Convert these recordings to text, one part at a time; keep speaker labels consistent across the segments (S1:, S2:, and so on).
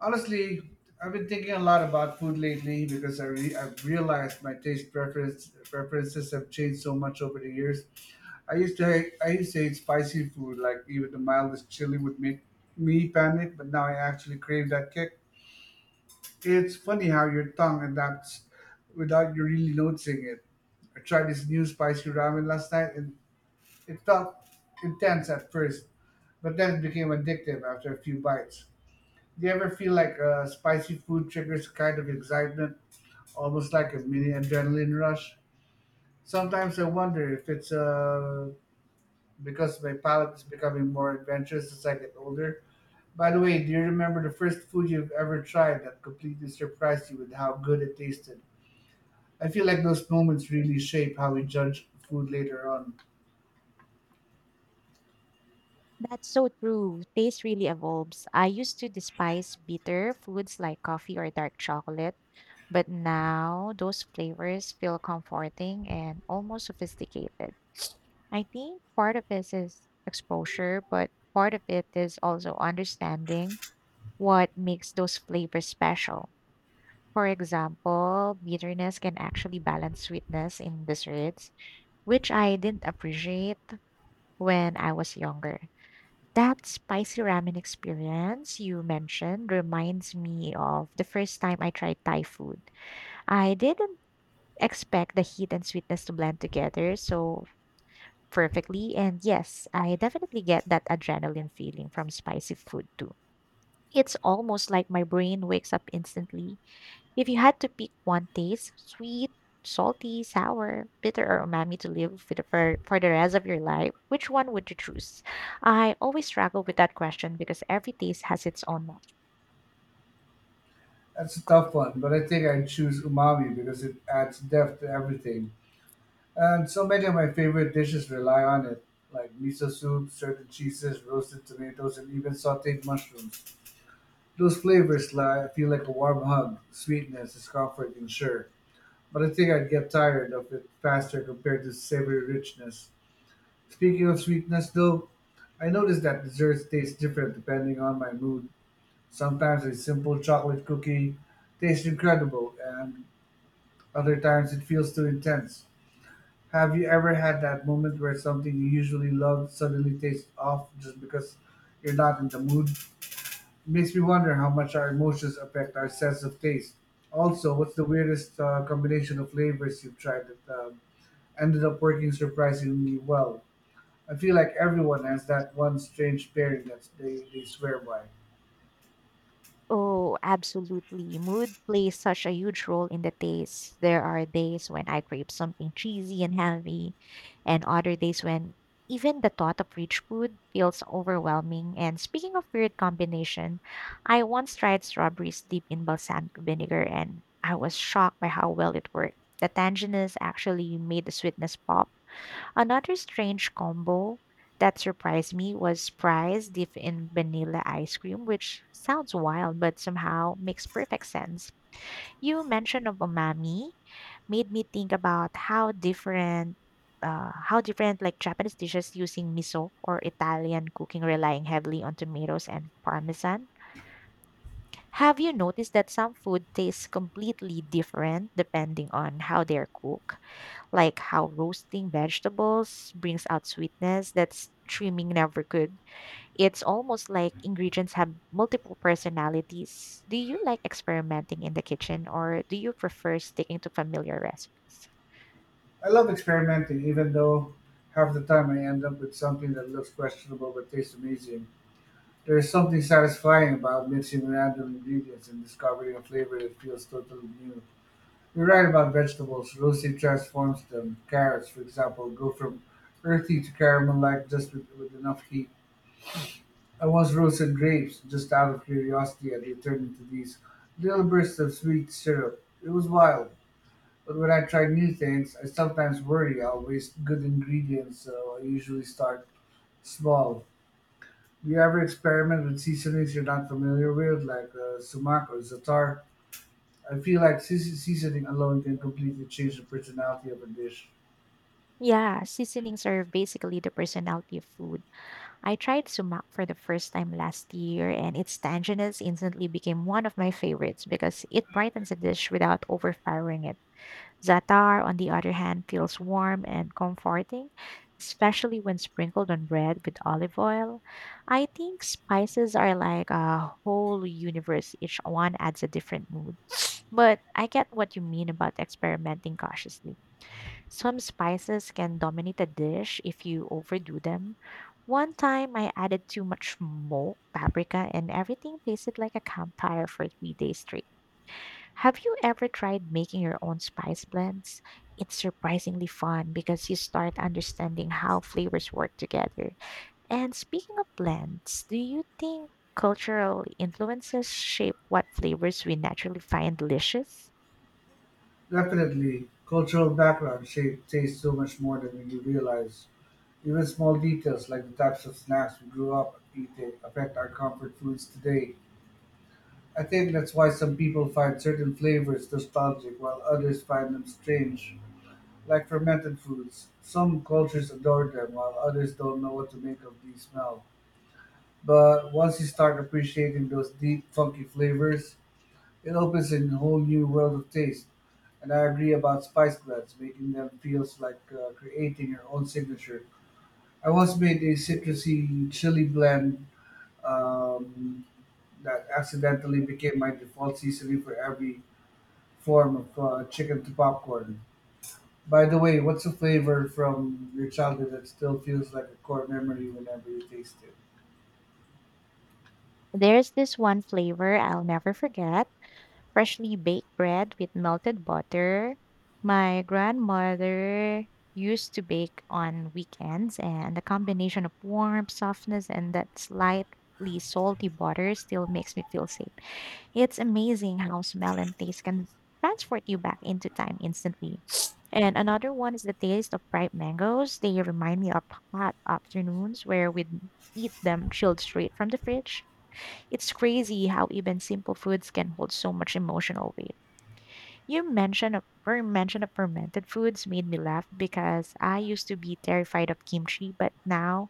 S1: Honestly, I've been thinking a lot about food lately because I've realized my taste preferences have changed so much over the years. I used to hate spicy food, like even the mildest chili would make me panic, but now I actually crave that kick. It's funny how your tongue adapts without you really noticing it. I tried this new spicy ramen last night, and it felt intense at first, but then it became addictive after a few bites. Do you ever feel like spicy food triggers a kind of excitement, almost like a mini adrenaline rush? Sometimes I wonder if it's because my palate is becoming more adventurous as I get older. By the way, do you remember the first food you've ever tried that completely surprised you with how good it tasted? I feel like those moments really shape how we judge food later on.
S2: That's so true. Taste really evolves. I used to despise bitter foods like coffee or dark chocolate, but now those flavors feel comforting and almost sophisticated. I think part of this is exposure, but part of it is also understanding what makes those flavors special. For example, bitterness can actually balance sweetness in desserts, which I didn't appreciate when I was younger. That spicy ramen experience you mentioned reminds me of the first time I tried Thai food. I didn't expect the heat and sweetness to blend together so perfectly, and yes, I definitely get that adrenaline feeling from spicy food too. It's almost like my brain wakes up instantly. If you had to pick one taste, sweet, salty, sour, bitter, or umami to live with for the rest of your life, which one would you choose? I always struggle with that question because every taste has its own.
S1: That's a tough one, but I think I'd choose umami because it adds depth to everything. And so many of my favorite dishes rely on it, like miso soup, certain cheeses, roasted tomatoes, and even sauteed mushrooms. Those feel like a warm hug. Sweetness is comforting, sure, but I think I'd get tired of it faster compared to savory richness. Speaking of sweetness, though, I noticed that desserts taste different depending on my mood. Sometimes a simple chocolate cookie tastes incredible, and other times it feels too intense. Have you ever had that moment where something you usually love suddenly tastes off just because you're not in the mood? Makes me wonder how much our emotions affect our sense of taste. Also, what's the weirdest combination of flavors you've tried that ended up working surprisingly well? I feel like everyone has that one strange pairing that they swear by.
S2: Oh, absolutely. Mood plays such a huge role in the taste. There are days when I crave something cheesy and heavy, and other days when even the thought of rich food feels overwhelming. And speaking of weird combination, I once tried strawberries deep in balsamic vinegar, and I was shocked by how well it worked. The tanginess actually made the sweetness pop. Another strange combo that surprised me was fries dipped in vanilla ice cream, which sounds wild but somehow makes perfect sense. You mention of umami made me think about how different how different like Japanese dishes using miso or Italian cooking relying heavily on tomatoes and parmesan. Have you noticed that some food tastes completely different depending on how they're cooked? Like how roasting vegetables brings out sweetness that trimming never could. It's almost like ingredients have multiple personalities. Do you like experimenting in the kitchen, or do you prefer sticking to familiar recipes?
S1: I love experimenting, even though half the time I end up with something that looks questionable but tastes amazing. There is something satisfying about mixing random ingredients and discovering a flavor that feels totally new. You're right about vegetables. Roasting transforms them. Carrots, for example, go from earthy to caramel-like just with enough heat. I once roasted grapes just out of curiosity, and they turned into these little bursts of sweet syrup. It was wild. But when I try new things, I sometimes worry I'll waste good ingredients, so I usually start small. Do you ever experiment with seasonings you're not familiar with, like sumac or za'atar? I feel like seasoning alone can completely change the personality of a dish.
S2: Yeah, seasonings are basically the personality of food. I tried sumac for the first time last year, and its tanginess instantly became one of my favorites because it brightens a dish without overpowering it. Zatar, on the other hand, feels warm and comforting, especially when sprinkled on bread with olive oil. I think spices are like a whole universe, each one adds a different mood. But I get what you mean about experimenting cautiously. Some spices can dominate a dish if you overdo them. One time I added too much smoke, paprika, and everything tasted like a campfire for 3 days straight. Have you ever tried making your own spice blends? It's surprisingly fun because you start understanding how flavors work together. And speaking of blends, do you think cultural influences shape what flavors we naturally find delicious?
S1: Definitely, cultural background shape tastes so much more than we realize. Even small details like the types of snacks we grew up eating affect our comfort foods today. I think that's why some people find certain flavors nostalgic while others find them strange, like fermented foods. Some cultures adore them while others don't know what to make of these smells. But once you start appreciating those deep, funky flavors, it opens a whole new world of taste. And I agree about spice blends, making them feels like creating your own signature. I once made a citrusy chili blend um, that accidentally became my default seasoning for every form of chicken to popcorn. By the way, what's a flavor from your childhood that still feels like a core memory whenever you taste it?
S2: There's this one flavor I'll never forget: freshly baked bread with melted butter. My grandmother used to bake on weekends, and the combination of warmth, softness, and that slightly salty butter still makes me feel safe. It's amazing how smell and taste can transport you back into time instantly. And another one is the taste of ripe mangoes. They remind me of hot afternoons where we'd eat them chilled straight from the fridge. It's crazy how even simple foods can hold so much emotional weight. You your mention of fermented foods made me laugh because I used to be terrified of kimchi, but now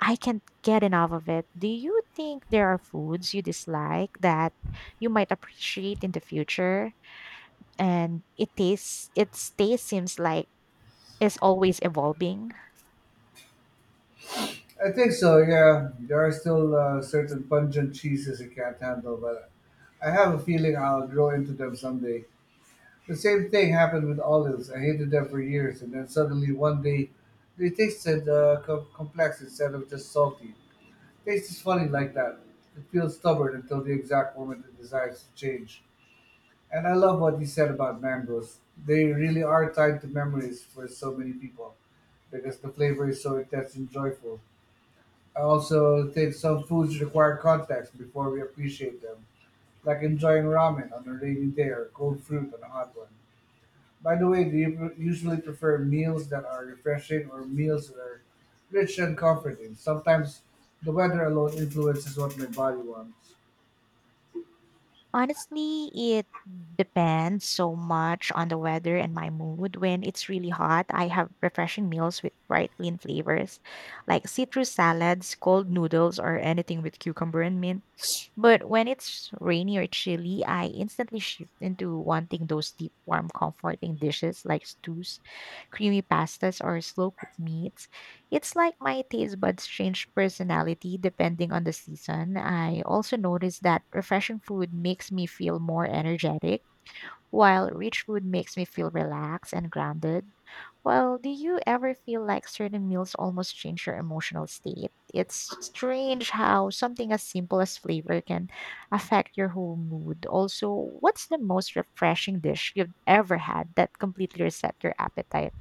S2: I can't get enough of it. Do you think there are foods you dislike that you might appreciate in the future? And it tastes, its taste seems like is always evolving.
S1: I think so. Yeah, there are still certain pungent cheeses I can't handle, but I have a feeling I'll grow into them someday. The same thing happened with olives. I hated them for years, and then suddenly one day, they tasted complex instead of just salty. Taste is funny like that. It feels stubborn until the exact moment it desires to change. And I love what you said about mangoes. They really are tied to memories for so many people because the flavor is so intense and joyful. I also think some foods require context before we appreciate them, like enjoying ramen on a rainy day or cold fruit on a hot one. By the way, do you usually prefer meals that are refreshing or meals that are rich and comforting? Sometimes the weather alone influences what my body wants.
S2: Honestly, it depends so much on the weather and my mood. When it's really hot, I have refreshing meals with bright, clean flavors, like citrus salads, cold noodles, or anything with cucumber and mint. But when it's rainy or chilly, I instantly shift into wanting those deep, warm, comforting dishes like stews, creamy pastas, or slow cooked meats. It's like my taste buds change personality depending on the season. I also notice that refreshing food makes me feel more energetic, while rich food makes me feel relaxed and grounded. Well, do you ever feel like certain meals almost change your emotional state? It's strange how something as simple as flavor can affect your whole mood. Also, what's the most refreshing dish you've ever had that completely reset your appetite?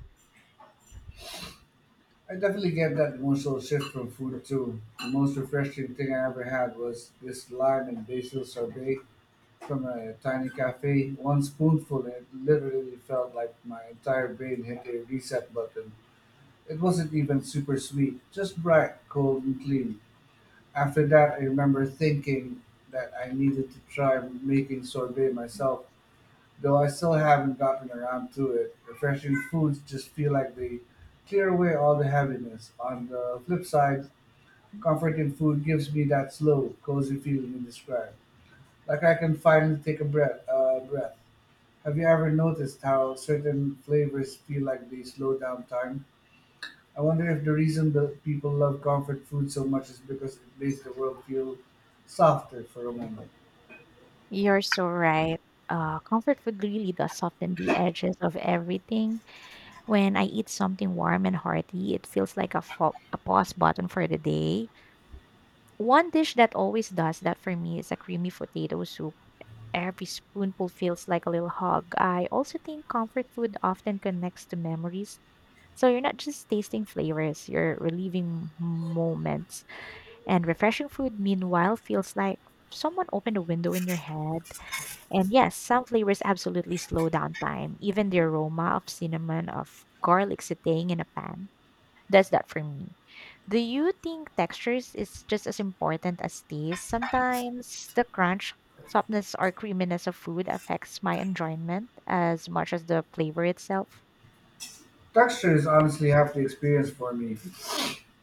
S1: I definitely get that emotional shift from food too. The most refreshing thing I ever had was this lime and basil sorbet from a tiny cafe. One spoonful, and it literally felt like my entire brain hit a reset button. It wasn't even super sweet, just bright, cold, and clean. After that, I remember thinking that I needed to try making sorbet myself, though I still haven't gotten around to it. Refreshing foods just feel like they clear away all the heaviness. On the flip side, comforting food gives me that slow, cozy feeling you described. Like I can finally take a breath. Have you ever noticed how certain flavors feel like they slow down time? I wonder if the reason that people love comfort food so much is because it makes the world feel softer for a moment.
S2: You're so right. Comfort food really does soften the edges of everything. When I eat something warm and hearty, it feels like a pause button for the day. One dish that always does that for me is a creamy potato soup. Every spoonful feels like a little hug. I also think comfort food often connects to memories. So you're not just tasting flavors, you're reliving moments. And refreshing food, meanwhile, feels like someone opened a window in your head, and yes, some flavors absolutely slow down time, even the aroma of cinnamon, of garlic sauteing in a pan. Does that for me. Do you think textures is just as important as taste? Sometimes the crunch, softness, or creaminess of food affects my enjoyment as much as the flavor itself.
S1: Texture is honestly half the experience for me.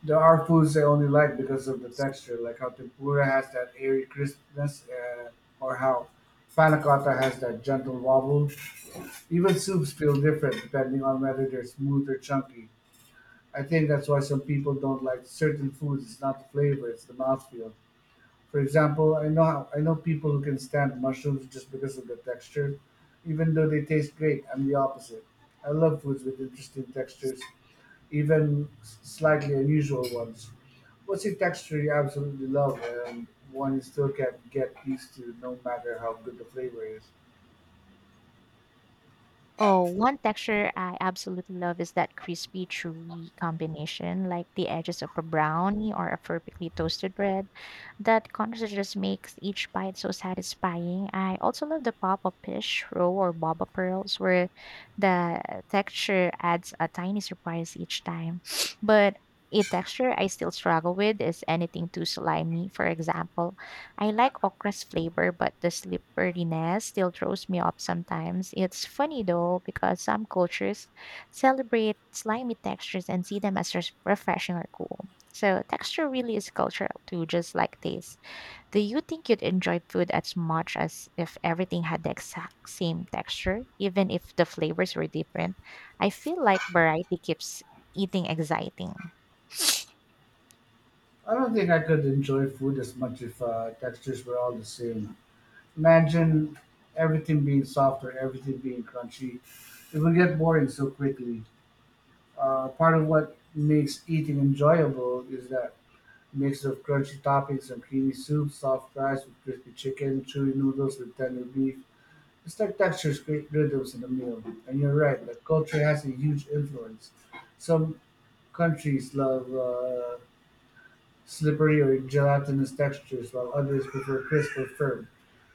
S1: There are foods I only like because of the texture, like how tempura has that airy crispness, or how panna cotta has that gentle wobble. Even soups feel different depending on whether they're smooth or chunky. I think that's why some people don't like certain foods. It's not the flavor; it's the mouthfeel. For example, I know people who can stand mushrooms just because of the texture, even though they taste great. I'm the opposite. I love foods with interesting textures, even slightly unusual ones. What's a texture you absolutely love and one you still can't get used to, no matter how good the flavor is?
S2: Oh, one texture I absolutely love is that crispy, chewy combination, like the edges of a brownie or a perfectly toasted bread. That contrast just makes each bite so satisfying. I also love the pop of fish, roe, or baba pearls, where the texture adds a tiny surprise each time. But a texture I still struggle with is anything too slimy, for example. I like okra's flavor, but the slipperiness still throws me off sometimes. It's funny though, because some cultures celebrate slimy textures and see them as refreshing or cool. So, texture really is cultural too, just like taste. Do you think you'd enjoy food as much as if everything had the exact same texture, even if the flavors were different? I feel like variety keeps eating exciting.
S1: I don't think I could enjoy food as much if textures were all the same. Imagine everything being softer, everything being crunchy. It would get boring so quickly. Part of what makes eating enjoyable is that mix of crunchy toppings and creamy soup, soft fries with crispy chicken, chewy noodles with tender beef. It's like textures create rhythms in the meal. And you're right, that culture has a huge influence. Some countries love slippery or gelatinous textures, while others prefer crisp or firm.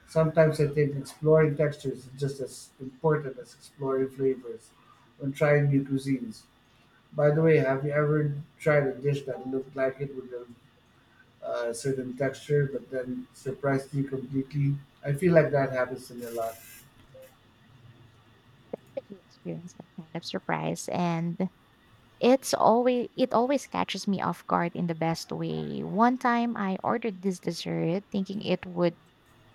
S1: Sometimes I think exploring textures is just as important as exploring flavors when trying new cuisines. By the way, have you ever tried a dish that looked like it with a certain texture but then surprised you completely? I feel like that happens to me a lot.
S2: If you experience that kind of surprise and it's always, it always catches me off guard in the best way. One time I ordered this dessert thinking it would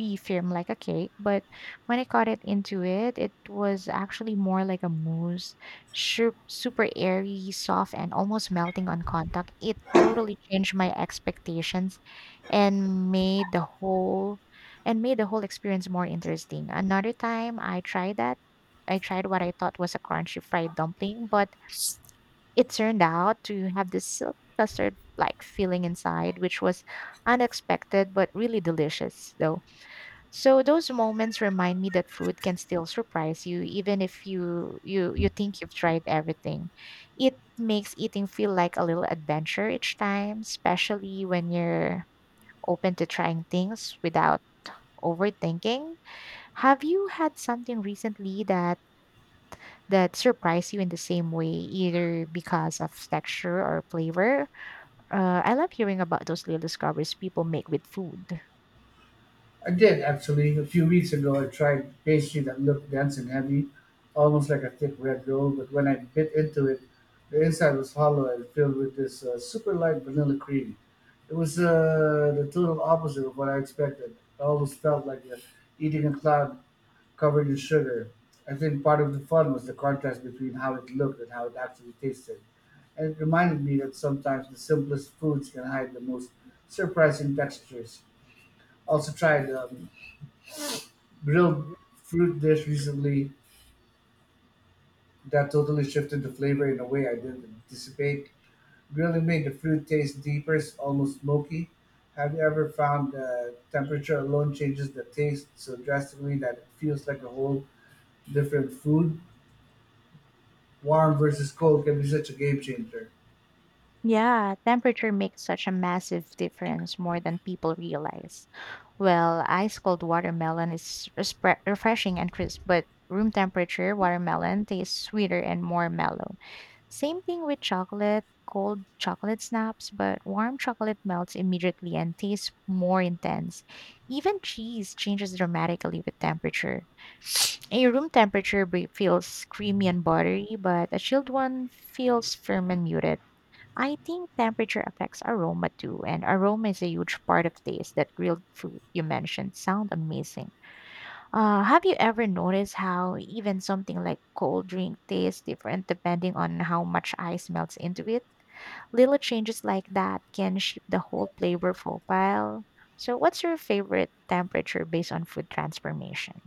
S2: be firm like a cake, but when I cut it into it, it was actually more like a mousse, super airy, soft, and almost melting on contact. It totally changed my expectations and made the whole and made the whole experience more interesting. Another time I tried what I thought was a crunchy fried dumpling, but it turned out to have this silk custard like feeling inside, which was unexpected but really delicious, though. So those moments remind me that food can still surprise you, even if you think you've tried everything. It makes eating feel like a little adventure each time, especially when you're open to trying things without overthinking. Have you had something recently that surprised you in the same way, either because of texture or flavor? I love hearing about those little discoveries people make with food.
S1: I did actually. A few weeks ago, I tried pastry that looked dense and heavy, almost like a thick red dough, but when I bit into it, the inside was hollow and filled with this super light vanilla cream. It was the total opposite of what I expected. It almost felt like you're eating a cloud covered in sugar. I think part of the fun was the contrast between how it looked and how it actually tasted. And it reminded me that sometimes the simplest foods can hide the most surprising textures. Also tried grilled fruit dish recently that totally shifted the flavor in a way I didn't anticipate. Grilling made the fruit taste deeper, it's almost smoky. Have you ever found temperature alone changes the taste so drastically that it feels like a whole different food? Warm versus cold can be such a game changer.
S2: Yeah, temperature makes such a massive difference more than people realize. Well, ice cold watermelon is refreshing and crisp, but room temperature watermelon tastes sweeter and more mellow. Same thing with chocolate, cold chocolate snaps, but warm chocolate melts immediately and tastes more intense. Even cheese changes dramatically with temperature. A room temperature brie feels creamy and buttery, but a chilled one feels firm and muted. I think temperature affects aroma too, and aroma is a huge part of taste. That grilled food you mentioned sound amazing. Have you ever noticed how even something like cold drink tastes different depending on how much ice melts into it? Little changes like that can shape the whole flavor profile. So, what's your favorite temperature based on food transformation?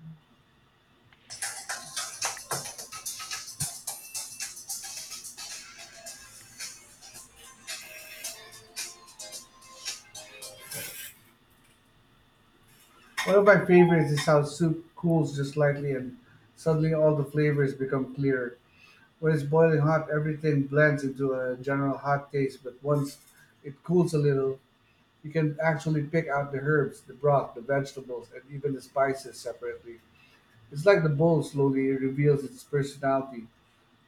S1: One of my favorites is how soup cools just slightly and suddenly all the flavors become clearer. When it's boiling hot, everything blends into a general hot taste, but once it cools a little, you can actually pick out the herbs, the broth, the vegetables, and even the spices separately. It's like the bowl slowly reveals its personality.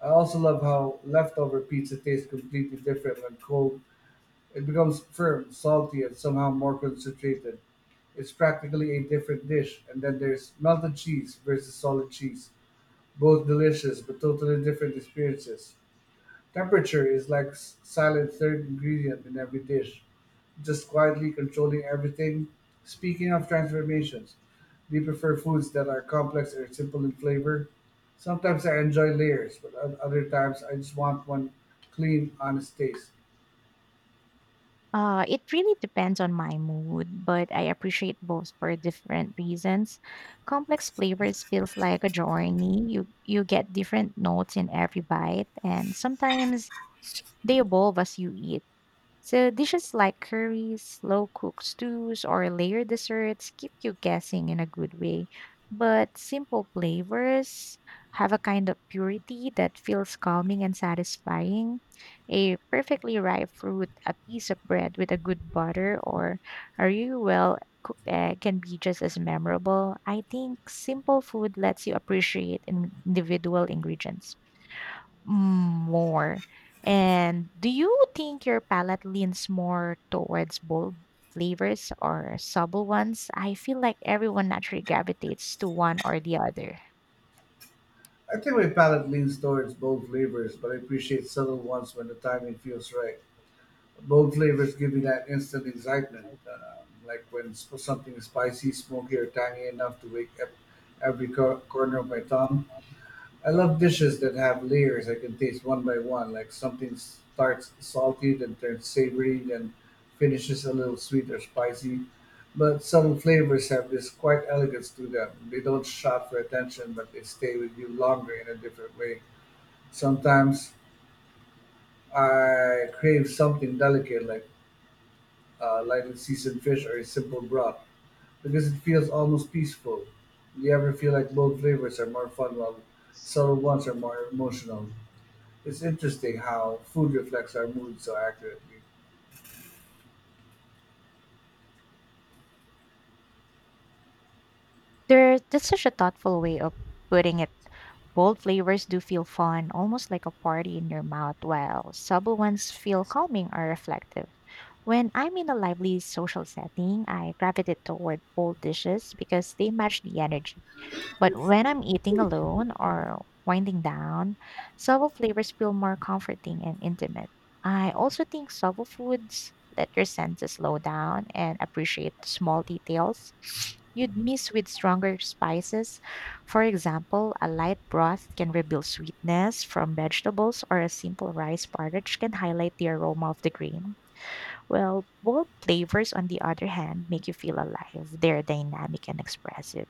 S1: I also love how leftover pizza tastes completely different when cold. It becomes firm, salty, and somehow more concentrated. It's practically a different dish. And then there's melted cheese versus solid cheese. Both delicious, but totally different experiences. Temperature is like silent third ingredient in every dish just quietly controlling everything. Speaking of transformations, do you prefer foods that are complex or simple in flavor? Sometimes I enjoy layers, but at other times I just want one clean, honest taste.
S2: It really depends on my mood, but I appreciate both for different reasons. Complex flavors feels like a journey. You get different notes in every bite, and sometimes they evolve as you eat. So dishes like curries, slow cooked stews, or layered desserts keep you guessing in a good way. But simple flavors have a kind of purity that feels calming and satisfying. A perfectly ripe fruit, a piece of bread with a good butter, or a really well cooked egg can be just as memorable. I think simple food lets you appreciate individual ingredients. Mm, more. And do you think your palate leans more towards bold flavors or subtle ones? I feel like everyone naturally gravitates to one or the other.
S1: I think my palate leans towards bold flavors, but I appreciate subtle ones when the timing feels right. Bold flavors give me that instant excitement, like when something is spicy, smoky, or tangy enough to wake up every corner of my tongue. I love dishes that have layers I can taste one by one, like something starts salty, then turns savory, then finishes a little sweet or spicy. But some flavors have this quiet elegance to them. They don't shout for attention, but they stay with you longer in a different way. Sometimes I crave something delicate, like lightly seasoned fish or a simple broth, because it feels almost peaceful. Do you ever feel like bold flavors are more fun while subtle ones are more emotional? It's interesting how food reflects our mood so accurately.
S2: There, that's such a thoughtful way of putting it. Bold flavors do feel fun, almost like a party in your mouth, while subtle ones feel calming or reflective. When I'm in a lively social setting, I gravitate toward bold dishes because they match the energy. But when I'm eating alone or winding down, subtle flavors feel more comforting and intimate. I also think subtle foods let your senses slow down and appreciate small details you'd miss with stronger spices. For example, a light broth can reveal sweetness from vegetables, or a simple rice porridge can highlight the aroma of the grain. Well, bold flavors, on the other hand, make you feel alive. They're dynamic and expressive.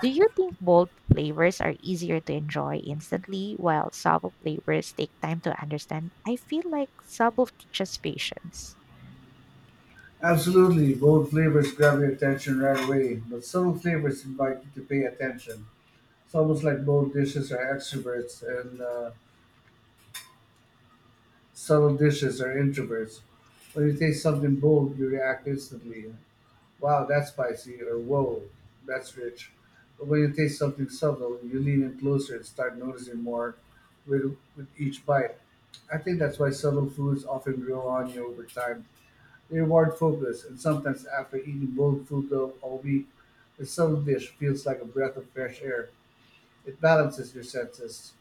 S2: Do you think bold flavors are easier to enjoy instantly while subtle flavors take time to understand? I feel like subtle teaches patience.
S1: Absolutely, bold flavors grab your attention right away, but subtle flavors invite you to pay attention. It's almost like bold dishes are extroverts and subtle dishes are introverts. When you taste something bold, you react instantly. Wow, that's spicy, or whoa, that's rich. But when you taste something subtle, you lean in closer and start noticing more with each bite. I think that's why subtle foods often grow on you over time. Reward focus, and sometimes after eating bold food of a week, a subtle dish feels like a breath of fresh air. It balances your senses.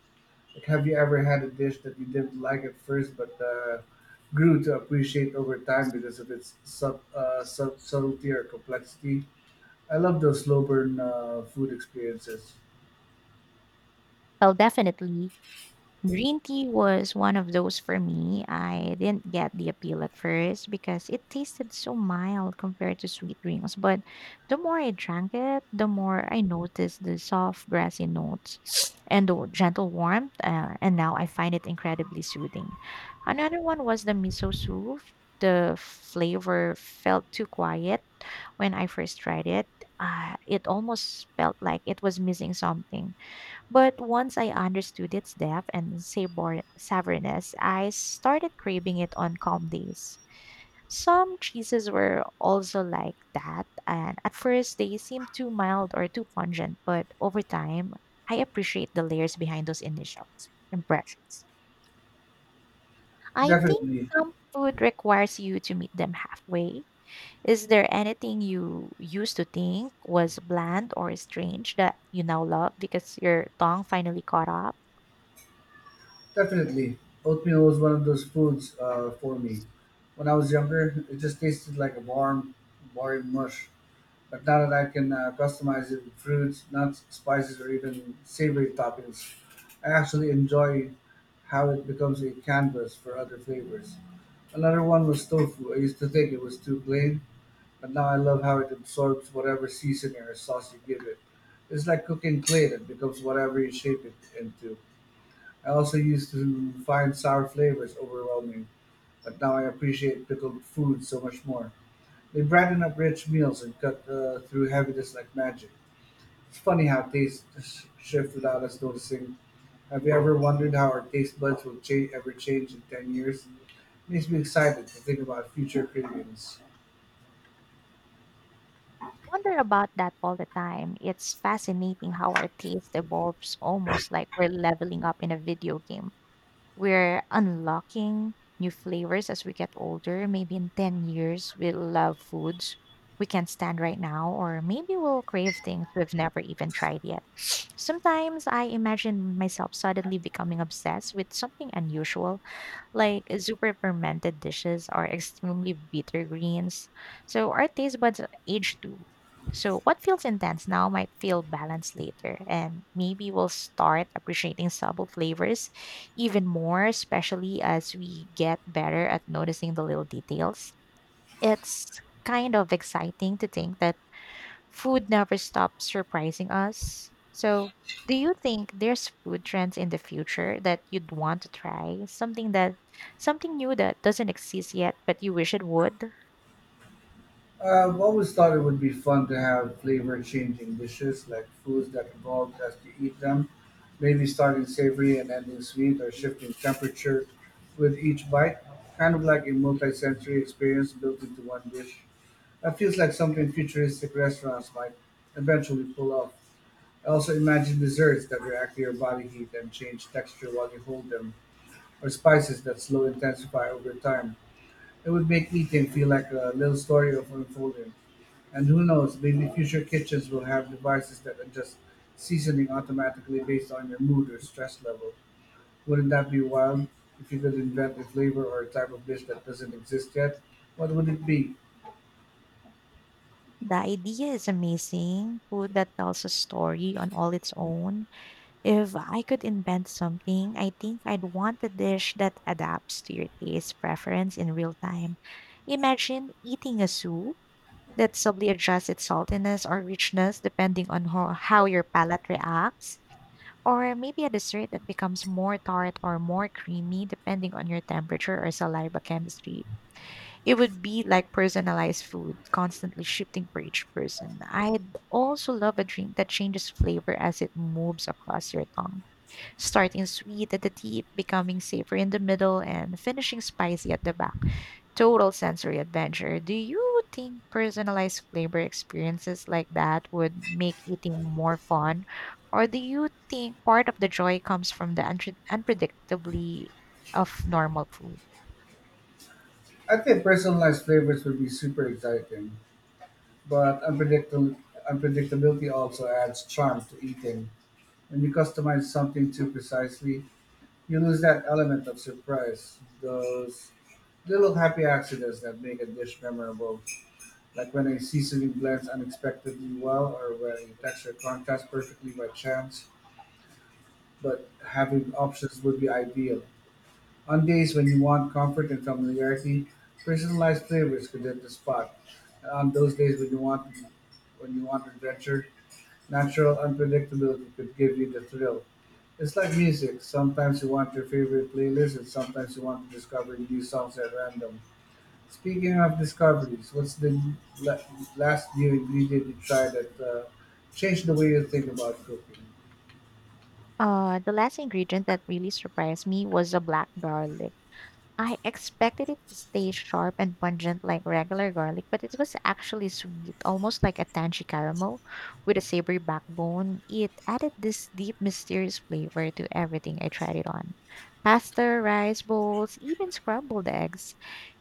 S1: Like, have you ever had a dish that you didn't like at first but grew to appreciate over time because of its subtlety or complexity? I love those slow burn food experiences.
S2: Well, definitely. Green tea was one of those for me. I didn't get the appeal at first because it tasted so mild compared to sweet drinks. But the more I drank it, the more I noticed the soft grassy notes and the gentle warmth. And now I find it incredibly soothing. Another one was the miso soup. The flavor felt too quiet when I first tried it. It almost felt like it was missing something, but once I understood its depth and savoriness, I started craving it on calm days. Some cheeses were also like that, and at first they seemed too mild or too pungent, but over time, I appreciate the layers behind those initial impressions. I think
S1: Definitely,
S2: some food requires you to meet them halfway. Is there anything you used to think was bland or strange that you now love because your tongue finally caught up?
S1: definitely. Oatmeal was one of those foods for me. When I was younger, it just tasted like a warm mush. But now that I can customize it with fruits, nuts, spices, or even savory toppings, I actually enjoy how it becomes a canvas for other flavors. Another one was tofu. I used to think it was too plain, but now I love how it absorbs whatever seasoning or sauce you give it. It's like cooking clay that becomes whatever you shape it into. I also used to find sour flavors overwhelming, but now I appreciate pickled food so much more. They brighten up rich meals and cut through heaviness like magic. It's funny how tastes shift without us noticing. Have you ever wondered how our taste buds will ever change in 10 years? Makes me excited to think about future cravings.
S2: Wonder about that all the time. It's fascinating how our taste evolves almost like we're leveling up in a video game. We're unlocking new flavors as we get older. Maybe in 10 years, we'll love foods we can't stand right now, or maybe we'll crave things we've never even tried yet. Sometimes I imagine myself suddenly becoming obsessed with something unusual, like super fermented dishes are extremely bitter greens, so our taste buds age too. So what feels intense now might feel balanced later, and maybe we'll start appreciating subtle flavors even more, especially as we get better at noticing the little details. It's kind of exciting to think that food never stops surprising us. So, do you think there's food trends in the future that you'd want to try? Something new that doesn't exist yet, but you wish it would?
S1: I've always thought it would be fun to have flavor changing dishes like foods that evolve as you eat them, maybe starting savory and ending sweet or shifting temperature with each bite, kind of like a multi sensory experience built into one dish. That feels like something futuristic restaurants might eventually pull off. I also imagine desserts that react to your body heat and change texture while you hold them, or spices that slow intensify over time. It would make eating feel like a little story of unfolding. And who knows, maybe future kitchens will have devices that adjust seasoning automatically based on your mood or stress level. Wouldn't that be wild? If you could invent a flavor or a type of dish that doesn't exist yet, what would it be?
S2: The idea is amazing. Food that tells a story on all its own. If I could invent something, I think I'd want a dish that adapts to your taste preference in real time. Imagine eating a soup that subtly adjusts its saltiness or richness depending on how your palate reacts. Or maybe a dessert that becomes more tart or more creamy depending on your temperature or saliva chemistry. It would be like personalized food, constantly shifting for each person. I'd also love a drink that changes flavor as it moves across your tongue, starting sweet at the tip, becoming savory in the middle, and finishing spicy at the back, total sensory adventure. Do you think personalized flavor experiences like that would make eating more fun? Or do you think part of the joy comes from the unpredictably of normal food?
S1: I think personalized flavors would be super exciting, but unpredictable unpredictability also adds charm to eating. When you customize something too precisely, you lose that element of surprise. Those little happy accidents that make a dish memorable, like when a seasoning blends unexpectedly well or when a texture contrasts perfectly by chance, but having options would be ideal. On days when you want comfort and familiarity, personalized flavors could hit the spot. And on those days when you want adventure, natural unpredictability could give you the thrill. It's like music. Sometimes you want your favorite playlist, and sometimes you want to discover new songs at random. Speaking of discoveries, what's the la- last new ingredient you tried that changed the way you think about cooking?
S2: The last ingredient that really surprised me was the black garlic. I expected it to stay sharp and pungent like regular garlic, but it was actually sweet, almost like a tangy caramel with a savory backbone. It added this deep, mysterious flavor to everything I tried it on, pasta, rice bowls, even scrambled eggs.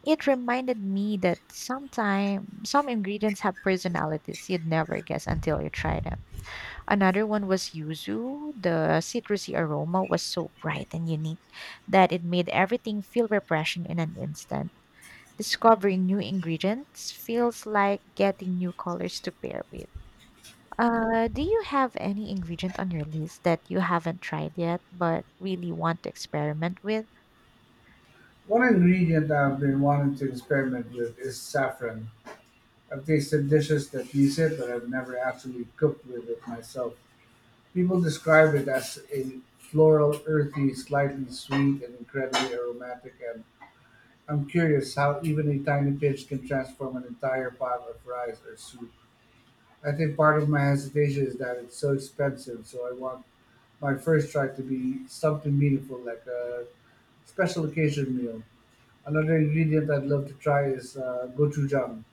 S2: It reminded me that sometimes some ingredients have personalities you'd never guess until you try them. Another one was yuzu. The citrusy aroma was so bright and unique that it made everything feel refreshing in an instant. Discovering new ingredients feels like getting new colors to pair with. Do you have any ingredient on your list that you haven't tried yet but really want to experiment with?
S1: One ingredient I've been wanting to experiment with is saffron. I've tasted dishes that use it, but I've never actually cooked with it myself. People describe it as a floral, earthy, slightly sweet, and incredibly aromatic. And I'm curious how even a tiny pinch can transform an entire pot of rice or soup. I think part of my hesitation is that it's so expensive, so I want my first try to be something meaningful, like a special occasion meal. Another ingredient I'd love to try is gochujang.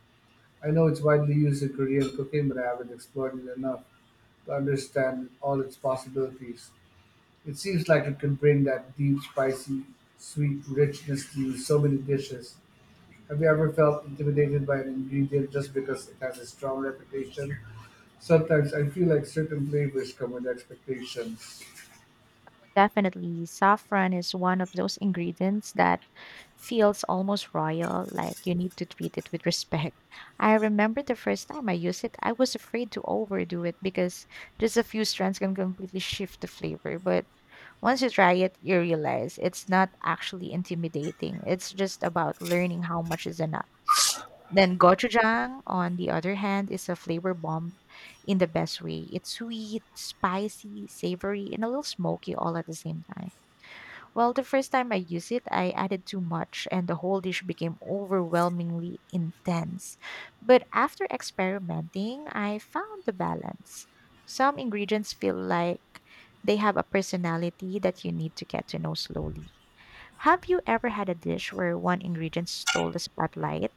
S1: I know it's widely used in Korean cooking, but I haven't explored it enough to understand all its possibilities. It seems like it could bring that deep, spicy, sweet richness to so many dishes. Have you ever felt intimidated by an ingredient just because it has a strong reputation? Sometimes I feel like certain flavors come with expectations.
S2: Definitely, saffron is one of those ingredients that feels almost royal, like you need to treat it with respect. I remember the first time I used it, I was afraid to overdo it because just a few strands can completely shift the flavor. But once you try it, you realize it's not actually intimidating. It's just about learning how much is enough. Then gochujang, on the other hand, is a flavor bomb in the best way. It's sweet, spicy, savory, and a little smoky all at the same time. Well, the first time I used it, I added too much, and the whole dish became overwhelmingly intense. But after experimenting, I found the balance. Some ingredients feel like they have a personality that you need to get to know slowly. Have you ever had a dish where one ingredient stole the spotlight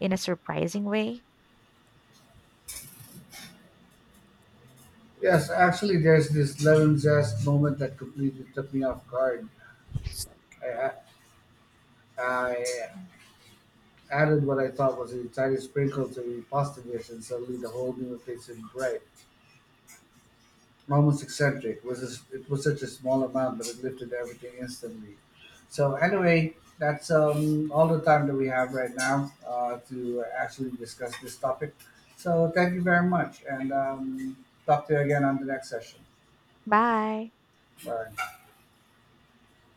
S2: in a surprising way?
S1: Yes, actually, there's this lemon zest moment that completely took me off guard. I, I added what I thought was a tiny sprinkle to the pasta dish, and suddenly the whole meal tasted bright, almost eccentric. It was it was such a small amount, but it lifted everything instantly. So anyway, that's all the time that we have right now to actually discuss this topic. So thank you very much, and talk to you again on the next session.
S2: Bye.
S1: Bye.